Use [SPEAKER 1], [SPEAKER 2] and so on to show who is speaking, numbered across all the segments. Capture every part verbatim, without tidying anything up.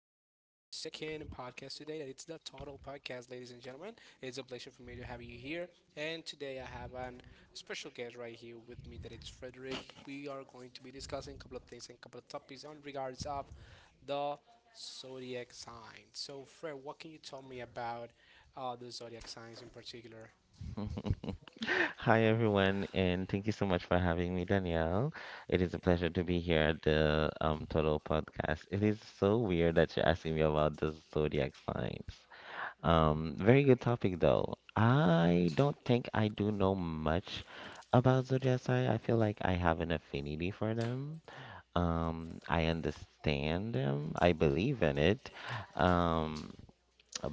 [SPEAKER 1] second podcast today. That it's the Total Podcast, ladies and gentlemen. It's a pleasure for me to have you here. And today, I have an special guest right here with me. That it's Frederick. We are going to be discussing a couple of things and a couple of topics on regards of the zodiac signs. So, Fred, what can you tell me about uh, the zodiac signs in particular?
[SPEAKER 2] Hi, everyone, and thank you so much for having me, Danielle. It is a pleasure to be here at the um, Total Podcast. It is so weird that you're asking me about the zodiac signs. Um, very good topic, though. I don't think I do know much about zodiac sign. I feel like I have an affinity for them. Um, I understand them. I believe in it. Um,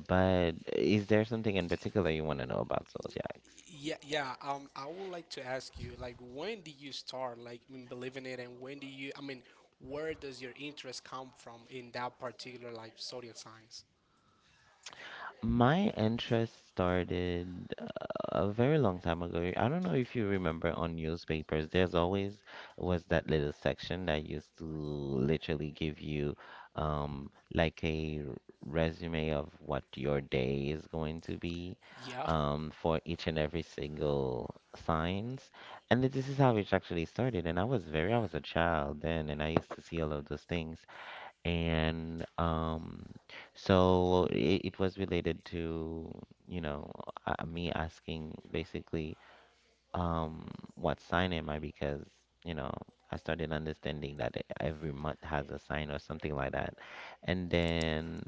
[SPEAKER 2] but is there something in particular you want to know about zodiacs?
[SPEAKER 1] Yeah, yeah. Um, I would like to ask you, like, when did you start, like, in believing it, and when do you, I mean, where does your interest come from in that particular, like, zodiac signs?
[SPEAKER 2] My interest started uh, a very long time ago. I don't know if you remember on newspapers, there's always was that little section that used to literally give you um like a r- resume of what your day is going to be
[SPEAKER 1] Yeah.
[SPEAKER 2] um for each and every single signs. And th- this is how it actually started. And I was very I was a child then and I used to see all of those things. And um, so it, it was related to, you know, uh, me asking basically um what sign am I, because you know I started understanding that e- every month has a sign or something like that, and then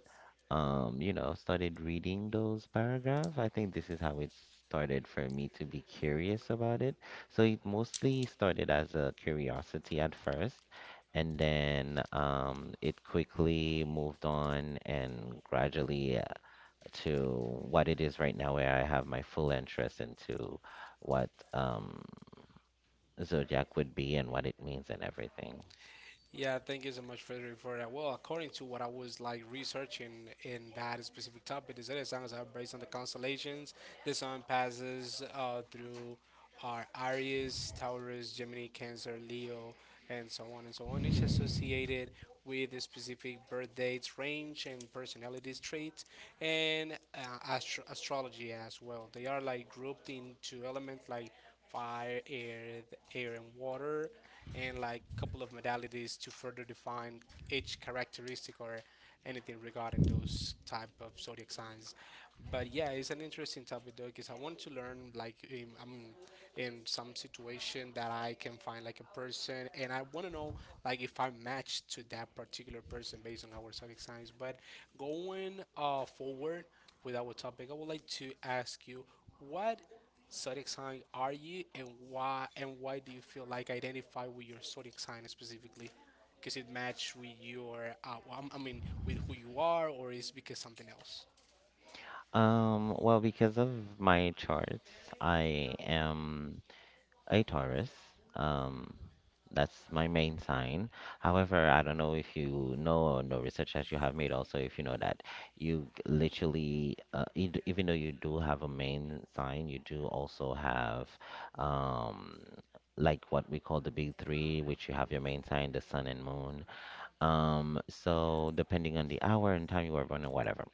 [SPEAKER 2] um you know started reading those paragraphs. I think this is how it started for me to be curious about it. So it mostly started as a curiosity at first, and then um, it quickly moved on and gradually to what it is right now, where I have my full interest into what um, zodiac would be and what it means and everything.
[SPEAKER 1] Yeah, thank you so much, Frederick, for that. Well, according to what I was like researching in that specific topic, is that the suns are based on the constellations. The sun passes uh, through our Aries, Taurus, Gemini, Cancer, Leo, and so on and so on. Each associated with the specific birth dates, range, and personality traits, and uh, astro- astrology as well. They are like grouped into elements like fire, air, th- air, and water, and like a couple of modalities to further define each characteristic or anything regarding those type of zodiac signs. But yeah, it's an interesting topic though because I want to learn like in, I mean in some situation that I can find like a person and I want to know like if I match to that particular person based on our zodiac signs. But going uh forward with our topic, I would like to ask you what zodiac sign are you and why and why do you feel like identify with your zodiac sign specifically because it match with your uh, well, I'm- I mean with who you are or is because something else.
[SPEAKER 2] Um, well, because of my charts, I am a Taurus. Um, that's my main sign. However, I don't know if you know or no research that you have made also, if you know that you g- literally uh, e- even though you do have a main sign, you do also have um like what we call the big three, which you have your main sign, the sun and moon. Um, so depending on the hour and time you were born and whatever.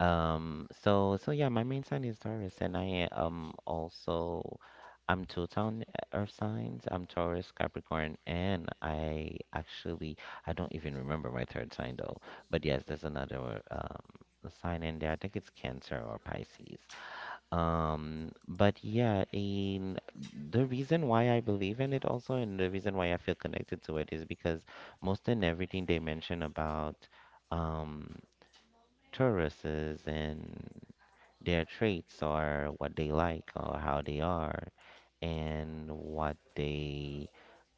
[SPEAKER 2] Um, so so yeah, my main sign is Taurus, and I um also I'm two-tone eh, earth signs. I'm Taurus, Capricorn, and I actually I don't even remember my third sign though. But yes, there's another um sign in there. I think it's Cancer or Pisces. Um, but yeah, in the reason why I believe in it also, and the reason why I feel connected to it, is because most and everything they mention about um Tauruses and their traits, or what they like or how they are and what they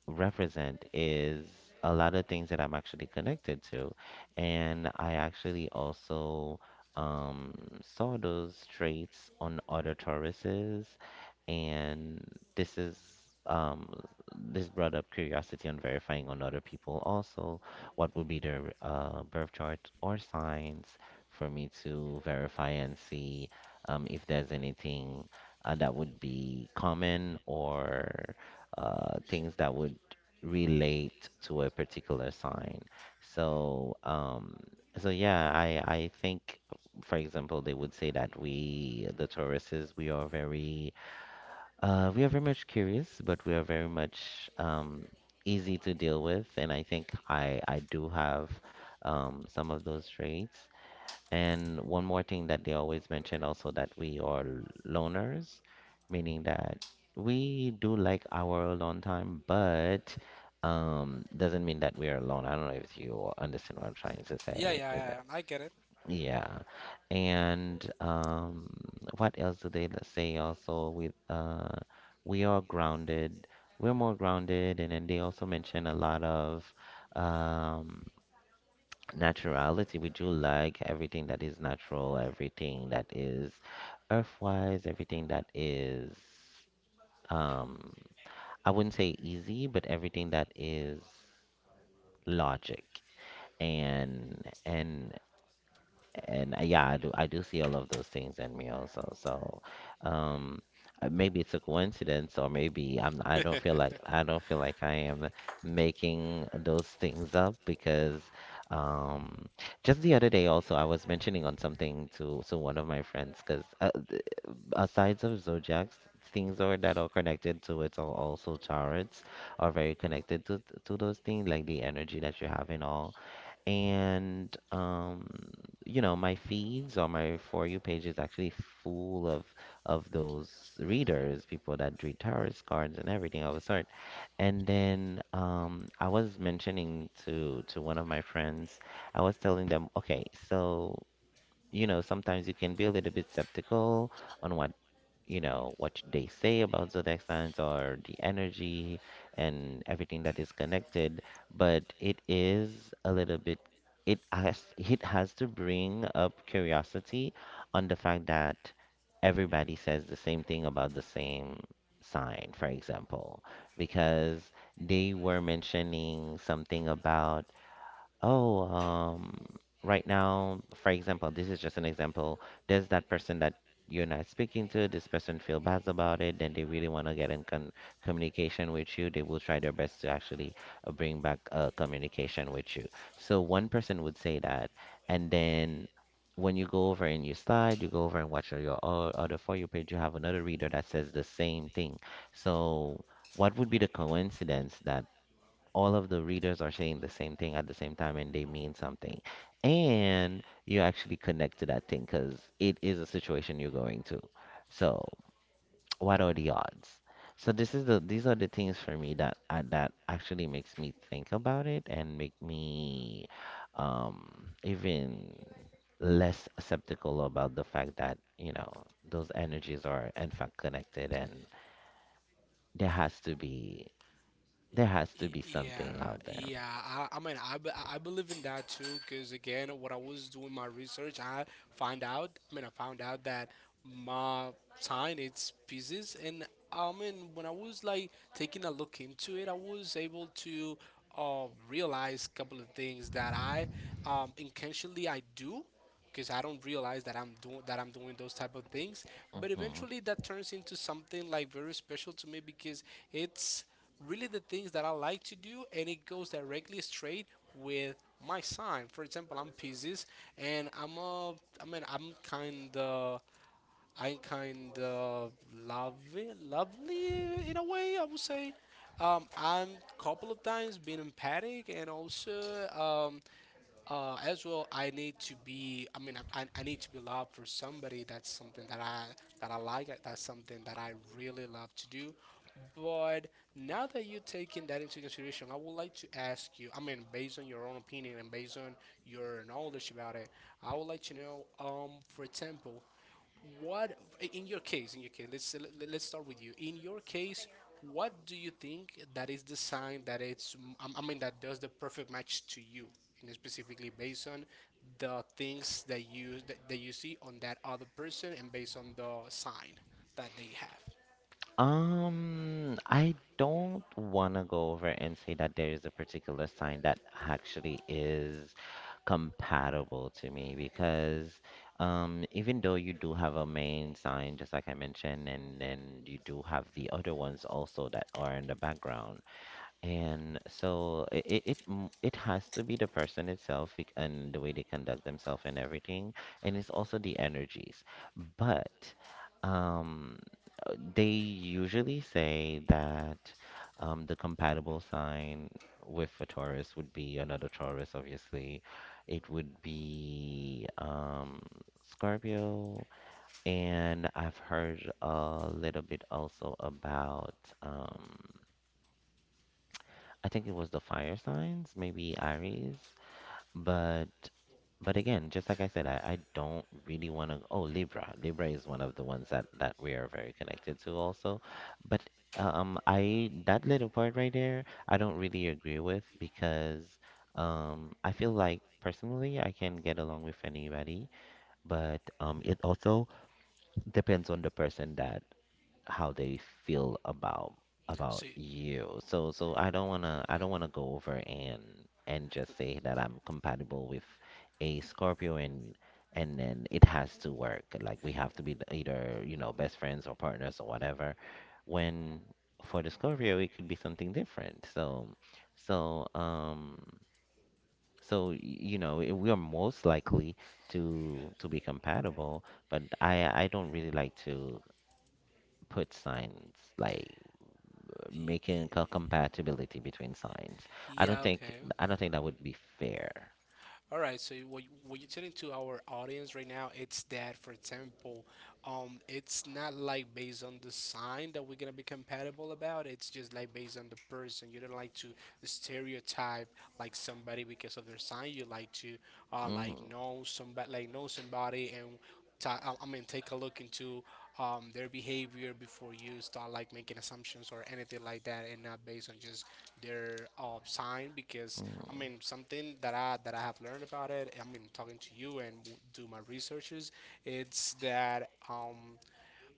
[SPEAKER 2] represent, is a lot of things that I'm actually connected to. And I actually also um, saw those traits on other Tauruses. And this is um, this brought up curiosity on verifying on other people also what would be their uh, birth chart or signs, for me to verify and see um, if there's anything uh, that would be common, or uh, things that would relate to a particular sign. So, um, so yeah, I I think, for example, they would say that we, the Tauruses, we are very, uh, we are very much curious, but we are very much um, easy to deal with, and I think I I do have um, some of those traits. And one more thing that they always mention also, that we are loners, meaning that we do like our alone time, but um doesn't mean that we are alone. I don't know if you understand what I'm trying to
[SPEAKER 1] Yeah,
[SPEAKER 2] say
[SPEAKER 1] yeah,
[SPEAKER 2] in
[SPEAKER 1] yeah,
[SPEAKER 2] that-
[SPEAKER 1] I get it.
[SPEAKER 2] Yeah. And um what else do they l- say also with uh we are grounded. We're more grounded, and then they also mention a lot of um naturality. We do like everything that is natural, everything that is earthwise, everything that is um I wouldn't say easy, but everything that is logic, and and and uh, yeah, I do I do see all of those things in me also. So, um, uh, maybe it's a coincidence, or maybe I'm I don't feel like I don't feel like I am making those things up, because, um, just the other day also, I was mentioning on something to to one of my friends, because uh, th- aside of zodiacs. Things are that are connected to it, or also charts, are very connected to to those things, like the energy that you have in all. And um, you know, my feeds or my For You page is actually full of of those readers, people that read tarot cards and everything of a sort. And then um, I was mentioning to to one of my friends, I was telling them, okay, so you know, sometimes you can be a little bit skeptical on what you know what they say about zodiac signs or the energy and everything that is connected, but it is a little bit, it has it has to bring up curiosity on the fact that everybody says the same thing about the same sign, for example, because they were mentioning something about, oh, um, right now, for example, this is just an example. There's that person that you're not speaking to. This person feel bad about it. Then they really want to get in con communication with you. They will try their best to actually uh, bring back uh, communication with you. So one person would say that, and then when you go over and you slide, you go over and watch your o- other For You page, you have another reader that says the same thing. So what would be the coincidence that all of the readers are saying the same thing at the same time, and they mean something. And you actually connect to that thing because it is a situation you're going to. So, what are the odds? So this is the these are the things for me that uh, that actually makes me think about it and make me um even less skeptical about the fact that, you know, those energies are in fact connected, and there has to be there has to
[SPEAKER 1] Y-
[SPEAKER 2] be
[SPEAKER 1] Yeah,
[SPEAKER 2] something out there.
[SPEAKER 1] yeah. I, I mean, I, be- I believe in that too, because again, when I was doing my research, I find out. I mean, I found out that my sign it's pieces, and I mean, when I was like taking a look into it, I was able to um realize a couple of things that I um intentionally I do. Because I don't realize that I'm doing that I'm doing those type of things, but
[SPEAKER 2] Hmm.
[SPEAKER 1] eventually that turns into something like very special to me because it's really the things that I like to do, and it goes directly straight with my sign. For example, I'm Pisces, and I'm a, I mean, I'm kind of, I'm kind of lovely, lovely in a way. I would say, um, I'm couple of times been empathic, and also, um, uh, as well i need to be i mean I, I need to be loved for somebody, that's something that i that i like, that's something that I really love to do. But now that you're taking that into consideration, I would like to ask you, I mean, based on your own opinion and based on your knowledge about it, I would like to know, um for example, what in your case in your case, let's let- let's start with you in your case, what do you think that is the sign that it's I I mean that does the perfect match to you, and specifically based on the things that you that, that you see on that other person and based on the sign that they have.
[SPEAKER 2] Um, I don't want to go over and say that there is a particular sign that actually is compatible to me, because um, even though you do have a main sign, just like I mentioned, and then you do have the other ones also that are in the background. And so it it it, m- it has to be the person itself, bec- and the way they conduct themselves and everything, and it's also the energies. But um, uh, they usually say that um, the compatible sign with a Taurus would be another Taurus, obviously. It would be um, Scorpio, and I've heard a little bit also about. Um, I think it was the fire signs, maybe Aries, but but again, just like I said, I, I don't really want to. Oh, Libra. Libra is one of the ones that that we are very connected to also. But um, I that little part right there, I don't really agree with, because um, I feel like personally I can get along with anybody, but um, it also depends on the person, that how they feel about about
[SPEAKER 1] So,
[SPEAKER 2] you. So so I don't wanna I don't
[SPEAKER 1] okay.
[SPEAKER 2] wanna go over and and just say that I'm compatible with a Scorpio, and and then it has to work. Like we have to be the- either, you know, best friends or partners or whatever. When for the Scorpio it could be something different. So so um so y- you know, i- we are most likely to to be compatible, but I I don't really like to put signs like
[SPEAKER 1] Y- y-
[SPEAKER 2] making a compatibility between signs. I don't
[SPEAKER 1] yeah,
[SPEAKER 2] think
[SPEAKER 1] okay,
[SPEAKER 2] I
[SPEAKER 1] okay.
[SPEAKER 2] don't think that would be fair.
[SPEAKER 1] All right, so what you- what you're telling to our audience right now, it's that, for example, um, it's not like based on the sign that we're gonna be compatible about. It's just like based on the person. You don't like to stereotype like somebody because of their sign. You like to uh,
[SPEAKER 2] Mm,
[SPEAKER 1] like know somebody, like know somebody, and ta- I I mean take a look into um, their behavior before you start like making assumptions or anything like that, and not based on just their uh, sign because I mean,
[SPEAKER 2] mm,
[SPEAKER 1] something that I that I have learned about it. I mean, talking to you and w- do my researches. It's that um,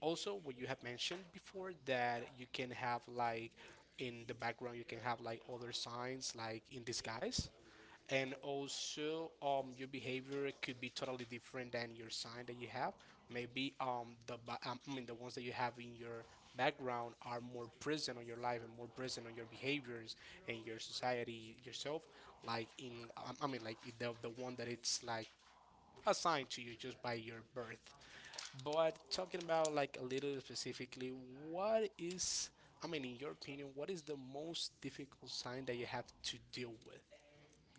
[SPEAKER 1] also what you have mentioned before, that you can have like in the background you can have like other signs like in disguise, and also um your behavior could be totally different than your sign that you have, maybe um the ba- um, i mean the ones that you have in your background are more present on your life and more present on your behaviors and your society yourself, like in um, I mean like the, the one that it's like assigned to you just by your birth. But talking about like a little specifically, what is I mean in your opinion, what is the most difficult sign that you have to deal with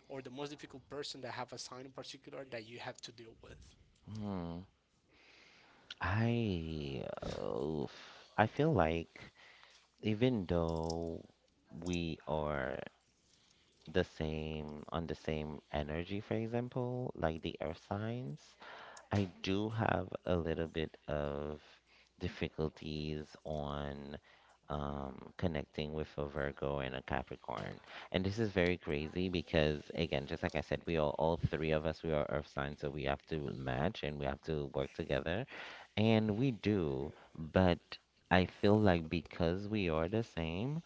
[SPEAKER 1] or the most difficult person that have assigned in particular that you have to deal with.
[SPEAKER 2] mm. I Oof. I feel like even though we are the same on the same energy, for example, like the earth signs, I do have a little bit of difficulties on um, connecting with a Virgo and a Capricorn. And this is very crazy, because, again, just like I said, we are all three of us, we are earth signs, so we have to match and we have to work together. And we do, but I feel like because we are the same,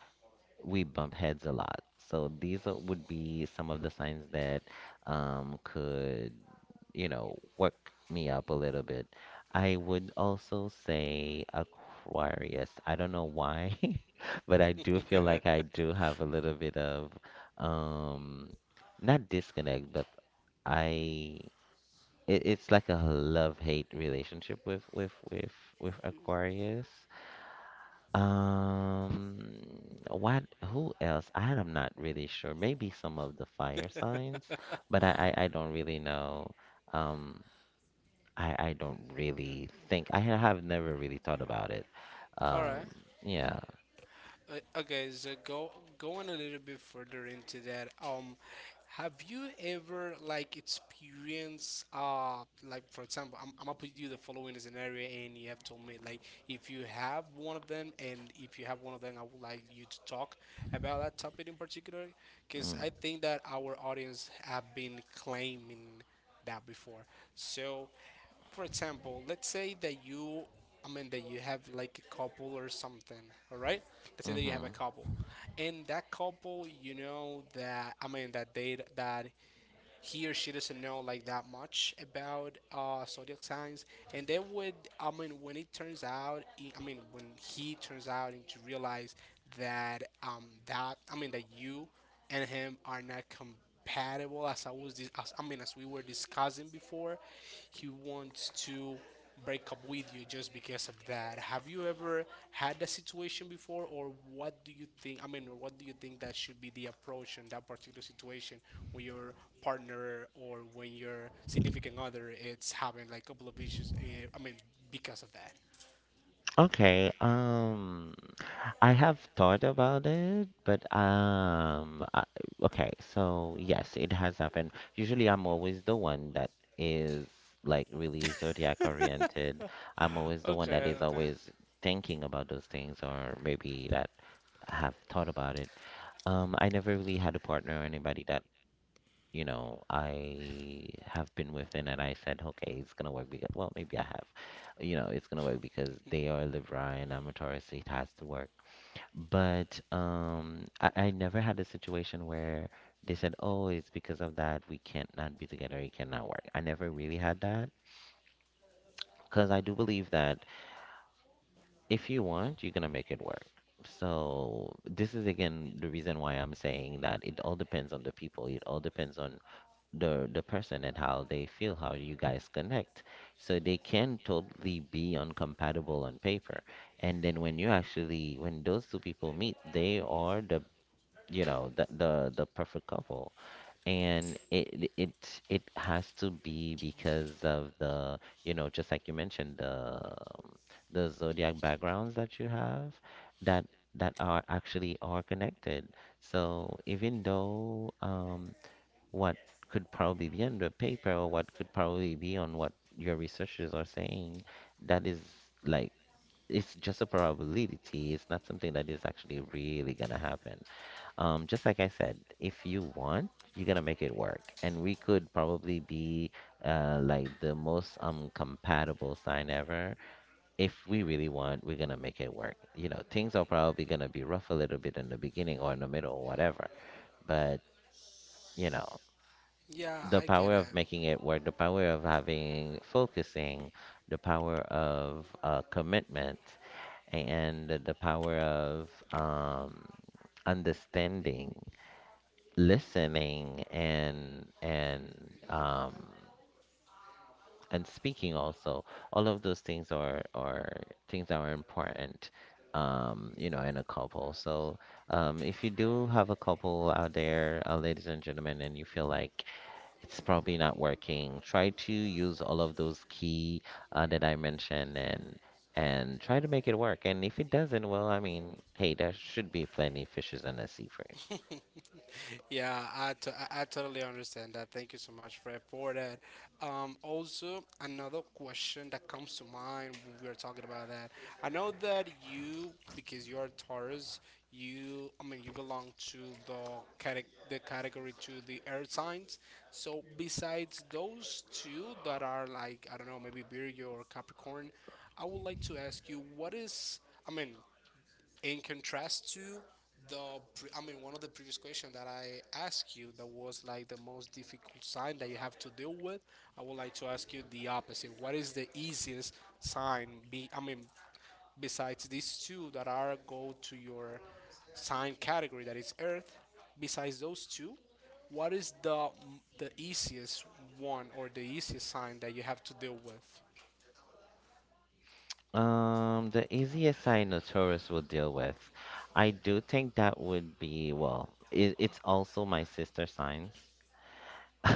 [SPEAKER 2] we bump heads a lot. So these are, would be some of the signs that um, could you know, work me up a little bit. I would also say Aquarius. I don't know why, but I do feel like I do have a little bit of um not disconnect, but I it, it's like a love-hate relationship with with with with Aquarius. Um, what who else? I am not really sure. Maybe some of the fire signs, but I I, I don't really know. Um, I I don't really think I ha- have never really thought about it.
[SPEAKER 1] All right.
[SPEAKER 2] Um, yeah.
[SPEAKER 1] Uh, okay, so go going a little bit further into that. Um, have you ever like experienced uh like for example, I'm, I'm gonna put you the following scenario, and you have told me like if you have one of them, and if you have one of them, I would like you to talk about that topic in particular, because
[SPEAKER 2] Mm.
[SPEAKER 1] I think that our audience have been claiming that before. So for example, let's say that you, I mean, that you have like a couple or something, all right? Let's say that you
[SPEAKER 2] Hmm.
[SPEAKER 1] have a couple, and that couple, you know that, I mean, that they that he or she doesn't know like that much about uh zodiac signs, and they would, I mean, when it turns out, he- I mean, when he turns out and to realize that, um, that, I mean, that you and him are not compatible, as I was, dis- as, I mean, as we were discussing before, he wants to break up with you just because of that. Have you ever had that situation before, or what do you think? I mean, or what do you think that should be the approach in that particular situation when your partner or when your significant other it's having like a couple of issues? eh, I mean, because of that.
[SPEAKER 2] Okay. Um, I have thought about it, but um, I, okay. So yes, it has happened. Usually, I'm always the one that is like really zodiac oriented. I'm always the one that
[SPEAKER 1] Okay,
[SPEAKER 2] is
[SPEAKER 1] okay.
[SPEAKER 2] always thinking about those things, or maybe that have thought about it. Um, I never really had a partner or anybody that you know, I have been within it. I said, okay, it's gonna work because, well, maybe I have, you know, it's gonna work because they are Libra and I'm a Taurus, so it has to work. But um, I, I never had a situation where they said, oh, it's because of that we can't not be together, it cannot work. I never really had that because I do believe that if you want, you're gonna make it work. So this is again the reason why I'm saying that it all depends on the people. It all depends on the the person and how they feel, how you guys connect. So they can totally be uncompatible on paper, and then when you actually when those two people meet, they are the you know the the, the perfect couple, and it it it has to be because of the you know just like you mentioned the the zodiac backgrounds that you have that that are actually are connected. So even though um what could probably be on the paper or what could probably be on what your researchers are saying, that is like it's just a probability. It's not something that is actually really gonna happen. Um, just like I said, if you want, you're gonna make it work, and we could probably be uh, like the most um compatible sign ever. If we really want, we're gonna make it work. You know, things are probably gonna be rough a little bit in the beginning or in the middle or whatever, but you know
[SPEAKER 1] Yeah,
[SPEAKER 2] the
[SPEAKER 1] I get
[SPEAKER 2] power
[SPEAKER 1] it.
[SPEAKER 2] of making it work, the power of having focusing, the power of uh, commitment, and the the power of um, understanding, listening, and and um, and speaking also. All of those things are are things that are important. Um, you know, in a couple. So, um, if you do have a couple out there, uh, ladies and gentlemen, and you feel like it's probably not working. Try to use all of those key uh, that I mentioned and and try to make it work. And if it doesn't, well, I mean, hey, there should be plenty of fishes in the sea for you.
[SPEAKER 1] Yeah, I, to- I I totally understand that. Thank you so much, Fred, for that. Um, also, another question that comes to mind when we are talking about that. I know that you, because you're Taurus, you, I mean, you belong to the cate- the category to the air signs. So besides those two that are like, I don't know, maybe Virgo or Capricorn, I would like to ask you, what is, I mean, in contrast to the pre- I mean one of the previous questions that I asked you that was like the most difficult sign that you have to deal with, I would like to ask you the opposite, what is the easiest sign, be I mean besides these two that are go to your sign category that is earth, besides those two, what is the the easiest one or the easiest sign that you have to deal with.
[SPEAKER 2] Um, the easiest I know tourists will deal with, I do think that would be, well, it, it's also my sister signs.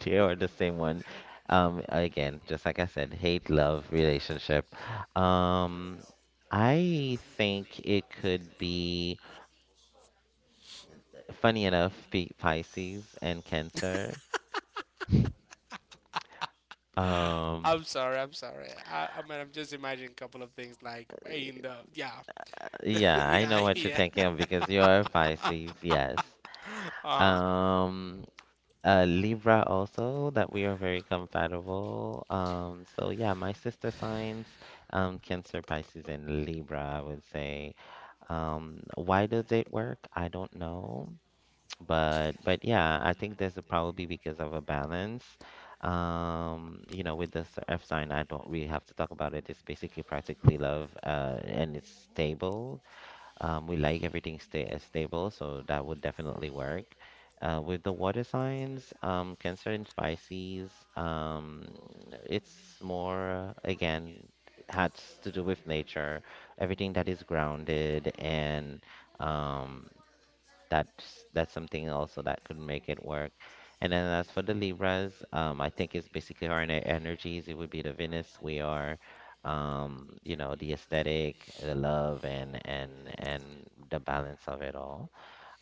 [SPEAKER 2] They are the same one. Um, again, just like I said, hate, love, relationship. Um, I think it could be, funny enough, be Pisces and Cancer. Um,
[SPEAKER 1] I'm sorry, I'm sorry, i, I mean, I'm just imagining a couple of things like in the yeah.
[SPEAKER 2] yeah, I
[SPEAKER 1] Yeah,
[SPEAKER 2] know what you're
[SPEAKER 1] yeah.
[SPEAKER 2] thinking of because you are Pisces, yes.
[SPEAKER 1] Uh huh.
[SPEAKER 2] Um, uh, Libra also, that we are very compatible. Um, so yeah, my sister signs, um, Cancer, Pisces, and Libra, I would say. Um, why does it work? I don't know, but but yeah, I think this is probably because of a balance. Um, you know, with this F sign, I don't really have to talk about it. It's basically practically love, uh, and it's stable. Um, we like everything sta uh, stable, so that would definitely work. Uh, with the water signs, um, Cancer and Pisces, um, it's more, again, has to do with nature, everything that is grounded and um, that's that's something also that could make it work. And then as for the Libras, um, I think it's basically our ener- energies. It would be the Venus. We are, um, you know, the aesthetic, the love, and and and the balance of it all.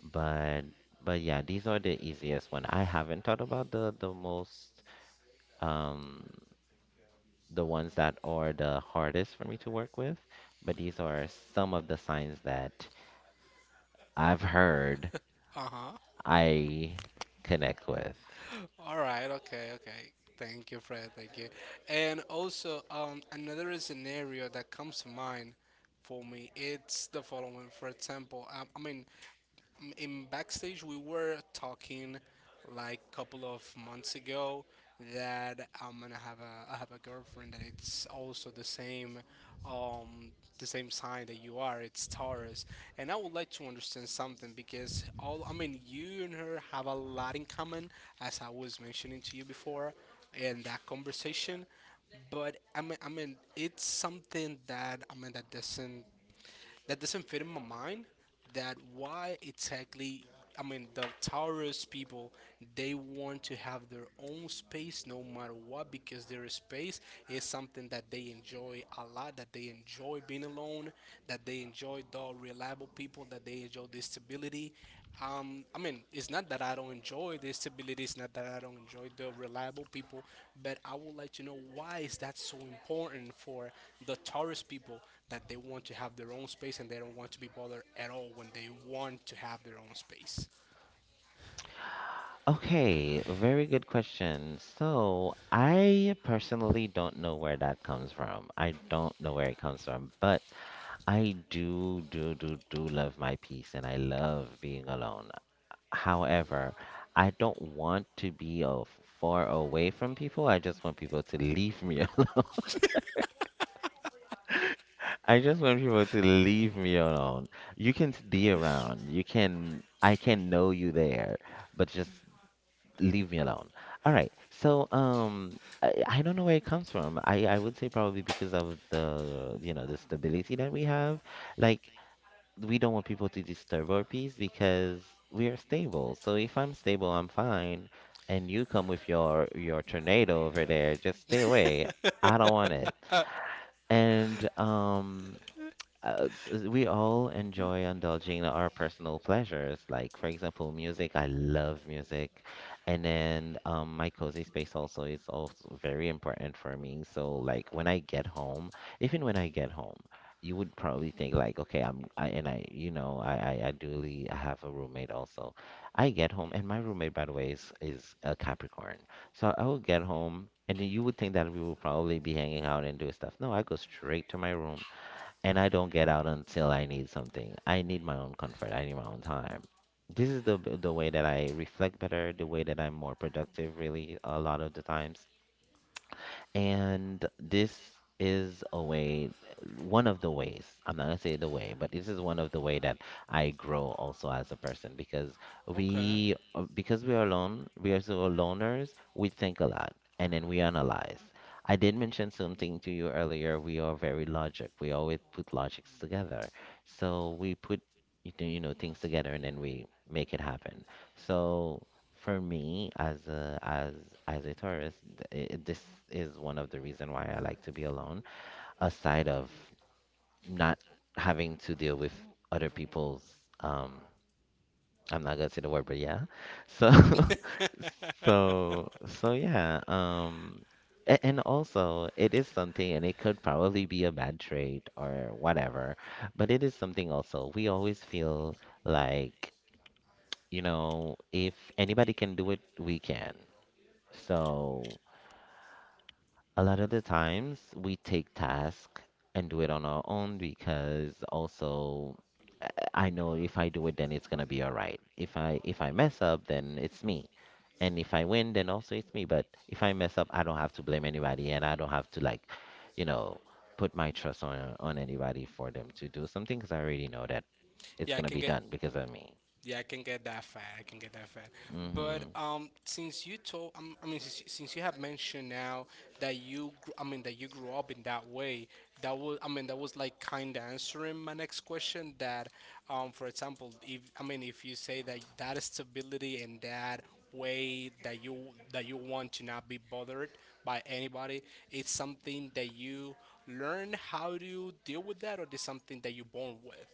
[SPEAKER 2] But but yeah, these are the easiest one. I haven't thought about the the most um the ones that are the hardest for me to work with, but these are some of the signs that I've heard
[SPEAKER 1] Uh huh.
[SPEAKER 2] I connect with?
[SPEAKER 1] All right. Okay. Okay. Thank you, Fred. Thank you. And also, um, another scenario that comes to mind for me, it's the following. For example, um, I mean, in backstage we were talking like a couple of months ago that I'm gonna have a I have a girlfriend that it's also the same um the same sign that you are, it's Taurus. And I would like to understand something because all I mean you and her have a lot in common, as I was mentioning to you before in that conversation. But I mean, I mean it's something that I mean that doesn't that doesn't fit in my mind, that why exactly, I mean, the Taurus people, they want to have their own space no matter what because their space is something that they enjoy a lot, that they enjoy being alone, that they enjoy the reliable people, that they enjoy the stability. um, I mean, it's not that I don't enjoy the stability. It's not that I don't enjoy the reliable people, but I would like to know why is that so important for the tourist people that they want to have their own space and they don't want to be bothered at all when they want to have their own space.
[SPEAKER 2] Okay, very good question. So, I personally don't know where that comes from. I don't know where it comes from, but I do, do, do, do love my peace and I love being alone. However, I don't want to be uh, far away from people. I just want people to leave me alone. I just want people to leave me alone. You can be around. You can, I can know you there, but just leave me alone. All right. So, um, I, I don't know where it comes from. I, I would say probably because of the, you know, the stability that we have. Like, we don't want people to disturb our peace because we are stable. So if I'm stable, I'm fine. And you come with your your tornado over there, just stay away. I don't want it. And um, uh, s- we all enjoy indulging in our personal pleasures. Like, for example, music. I love music. And then um, my cozy space also is also very important for me. So, like, when I get home, even when I get home, you would probably think like, okay, I'm, I, and I, you know, I, I, I duly I have a roommate also. I get home, and my roommate, by the way, is is a Capricorn. So I will get home. And then you would think that we will probably be hanging out and doing stuff. No, I go straight to my room and I don't get out until I need something. I need my own comfort. I need my own time. This is the the way that I reflect better, the way that I'm more productive really a lot of the times. And this is a way, one of the ways, I'm not gonna say the way, but this is one of the way that I grow also as a person because
[SPEAKER 1] Okay.
[SPEAKER 2] we, uh, because we are alone, we are so loners, we think a lot and then we analyze. I did mention something to you earlier. We are very logic. We always put logics together. So we put, you know, you know, things together and then we make it happen. So for me, as a as as a tourist, th- I this is one of the reason why I like to be alone, aside of not having to deal with other people's um I'm not gonna say the word, but yeah. So so so yeah, um a- and also it is something and it could probably be a bad trait or whatever, but it is something also. We always feel like, you know, if anybody can do it, we can. So a lot of the times we take tasks and do it on our own because also uh, I know if I do it then it's gonna be all right. If I if I mess up then it's me. And if I win then also it's me. But if I mess up I don't have to blame anybody and I don't have to like, you know, put my trust on on anybody for them to do something because I already know that it's
[SPEAKER 1] Yeah, I
[SPEAKER 2] gonna
[SPEAKER 1] can
[SPEAKER 2] be
[SPEAKER 1] get
[SPEAKER 2] done because of me.
[SPEAKER 1] Yeah, I can get that fat. I can get that fat. But
[SPEAKER 2] Hmm.
[SPEAKER 1] um, since you told, um, I mean, since, since you have mentioned now that you, gr- I mean, that you grew up in that way, that was, I mean, that was like kind of answering my next question. That, um, for example, if I mean, if you say that that stability and that way that you that you want to not be bothered by anybody, it's something that you learn how to deal with that, or is something that you're born with.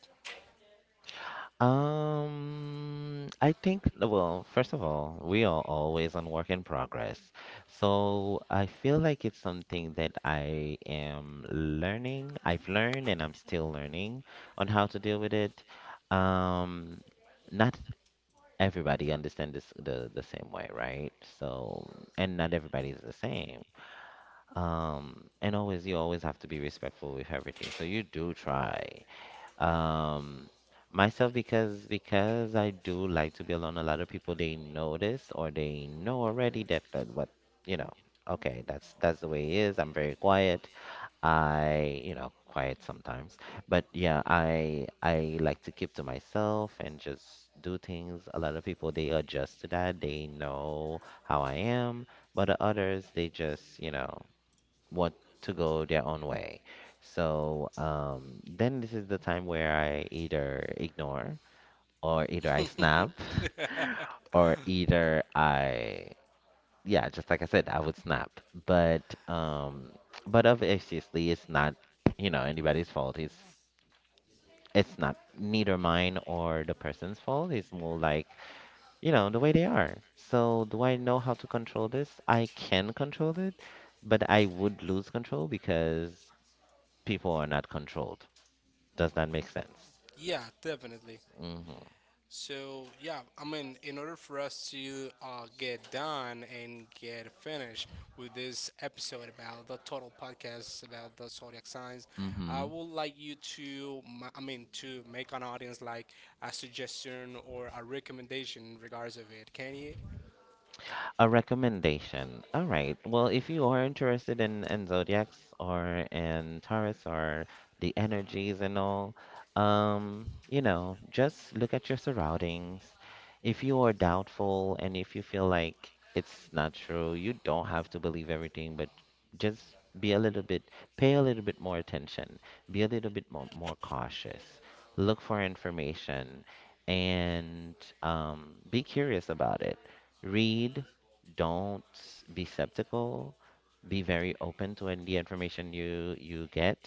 [SPEAKER 2] Um, I think, well, first of all, we are always on work in progress. So I feel like it's something that I am learning. I've learned and I'm still learning on how to deal with it. Um, Not everybody understands this the, the same way, right? So, and not everybody is the same. Um, and always, you always have to be respectful with everything. So you do try. Um, Myself because because I do like to be alone. A lot of people they notice or they know already that that what you know. Okay, that's that's the way it is. I'm very quiet. I you know quiet sometimes, but yeah, I I like to keep to myself and just do things. A lot of people they adjust to that. They know how I am, but others they just you know what to go their own way. So um, then this is the time where I either ignore or either I snap or either I yeah, just like I said, I would snap. But um, but obviously it's not you know anybody's fault. It's it's not neither mine or the person's fault. It's more like you know the way they are. So do I know how to control this? I can control it but I would lose control because people are not controlled. Does that make sense?
[SPEAKER 1] Yeah, definitely.
[SPEAKER 2] Hmm.
[SPEAKER 1] So yeah, I mean, in order for us to uh, get done and get finished with this episode about the total podcast about the zodiac signs, I
[SPEAKER 2] Hmm.
[SPEAKER 1] would like you to, ma- I mean, to make an audience like a suggestion or a recommendation in regards of it. Can you?
[SPEAKER 2] A recommendation. All right. Well, if you are interested in, in zodiacs or in Taurus or the energies and all, um, you know, just look at your surroundings. If you are doubtful and if you feel like it's not true, you don't have to believe everything, but just be a little bit, pay a little bit more attention, be a little bit more, more cautious, look for information, and um, be curious about it read don't be skeptical. Be very open to in- the information you you get,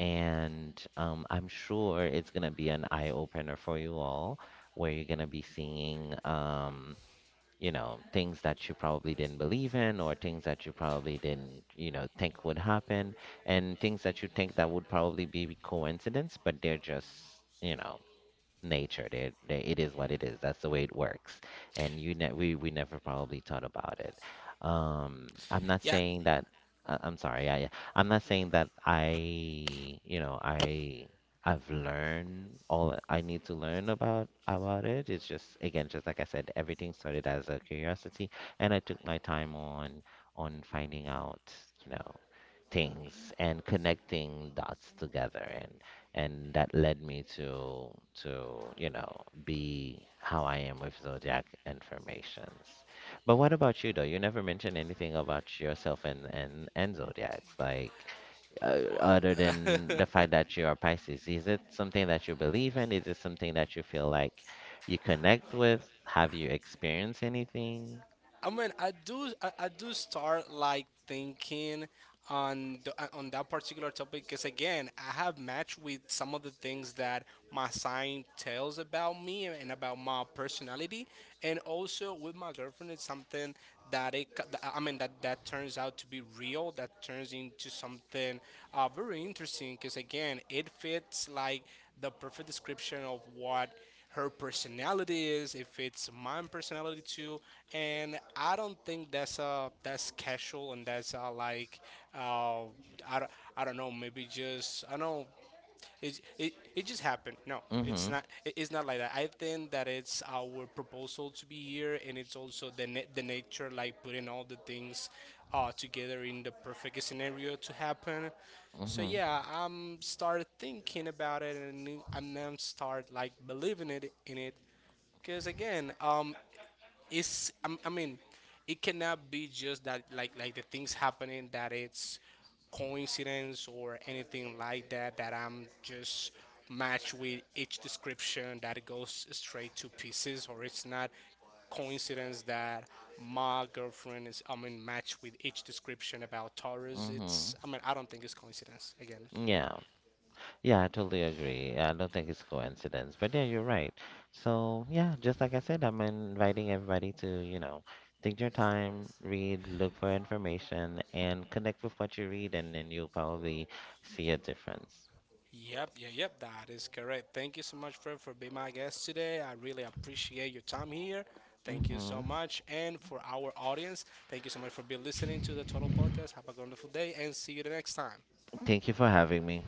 [SPEAKER 2] and um, I'm sure it's gonna be an eye opener for you all, where you're gonna be seeing um, you know, things that you probably didn't believe in, or things that you probably didn't you know think would happen, and things that you think that would probably be coincidence, but they're just you know nature. They, they, it is what it is. That's the way it works. And you ne we we never probably thought about it. Um, I'm not
[SPEAKER 1] Yeah.
[SPEAKER 2] saying that. I, I'm sorry. I I'm not saying that I you know I I've learned all I need to learn about about it. It's just again just like I said, everything started as a curiosity, and I took my time on on finding out you know things and connecting dots together and and that led me to to you know be how I am with zodiac informations. But what about you though? You never mentioned anything about yourself and and and zodiacs like uh, other than the fact that you are Pisces. Is it something that you believe in? Is it something that you feel like you connect with? Have you experienced anything?
[SPEAKER 1] I mean, I do, I, I do start like thinking on the, uh, on that particular topic because again, I have matched with some of the things that my sign tells about me and about my personality, and also with my girlfriend, it's something that it, co- that- I mean, that that turns out to be real, that turns into something uh, very interesting because again, it fits like the perfect description of what her personality is, if it's my personality too, and I don't think that's uh that's casual and that's uh like uh I don't, I don't, know, maybe just I know it, it, it just happened. No, it's
[SPEAKER 2] Mhm.
[SPEAKER 1] not. it- It's not like that. I think that it's our proposal to be here, and it's also the na- the nature, like putting all the things, uh, together in the perfect scenario to happen. So
[SPEAKER 2] Mhm.
[SPEAKER 1] yeah, I'm start thinking about it, and I'm now start like believing it in it. Cause again, um, it's I'm- i mean it cannot be just that like like the things happening that it's coincidence or anything like that that I'm just matched with each description that it goes straight to pieces or it's not coincidence that my girlfriend is I mean matched with each description about Taurus it's
[SPEAKER 2] Mhm.
[SPEAKER 1] I mean I don't think it's coincidence again.
[SPEAKER 2] Yeah. Yeah, I totally agree. I don't think it's coincidence, but yeah, you're right. So, yeah, just like I said, I'm inviting everybody to, you know, take your time, read, look for information, and connect with what you read, and then you'll probably see a difference.
[SPEAKER 1] Yep, yeah, yep, that is correct. Thank you so much, Fred, for being my guest today. I really appreciate your time here. Thank you
[SPEAKER 2] Hmm.
[SPEAKER 1] so much. And for our audience, thank you so much for being listening to the Total Podcast. Have a wonderful day and see you the next time.
[SPEAKER 2] Thank you for having me.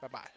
[SPEAKER 1] Bye bye.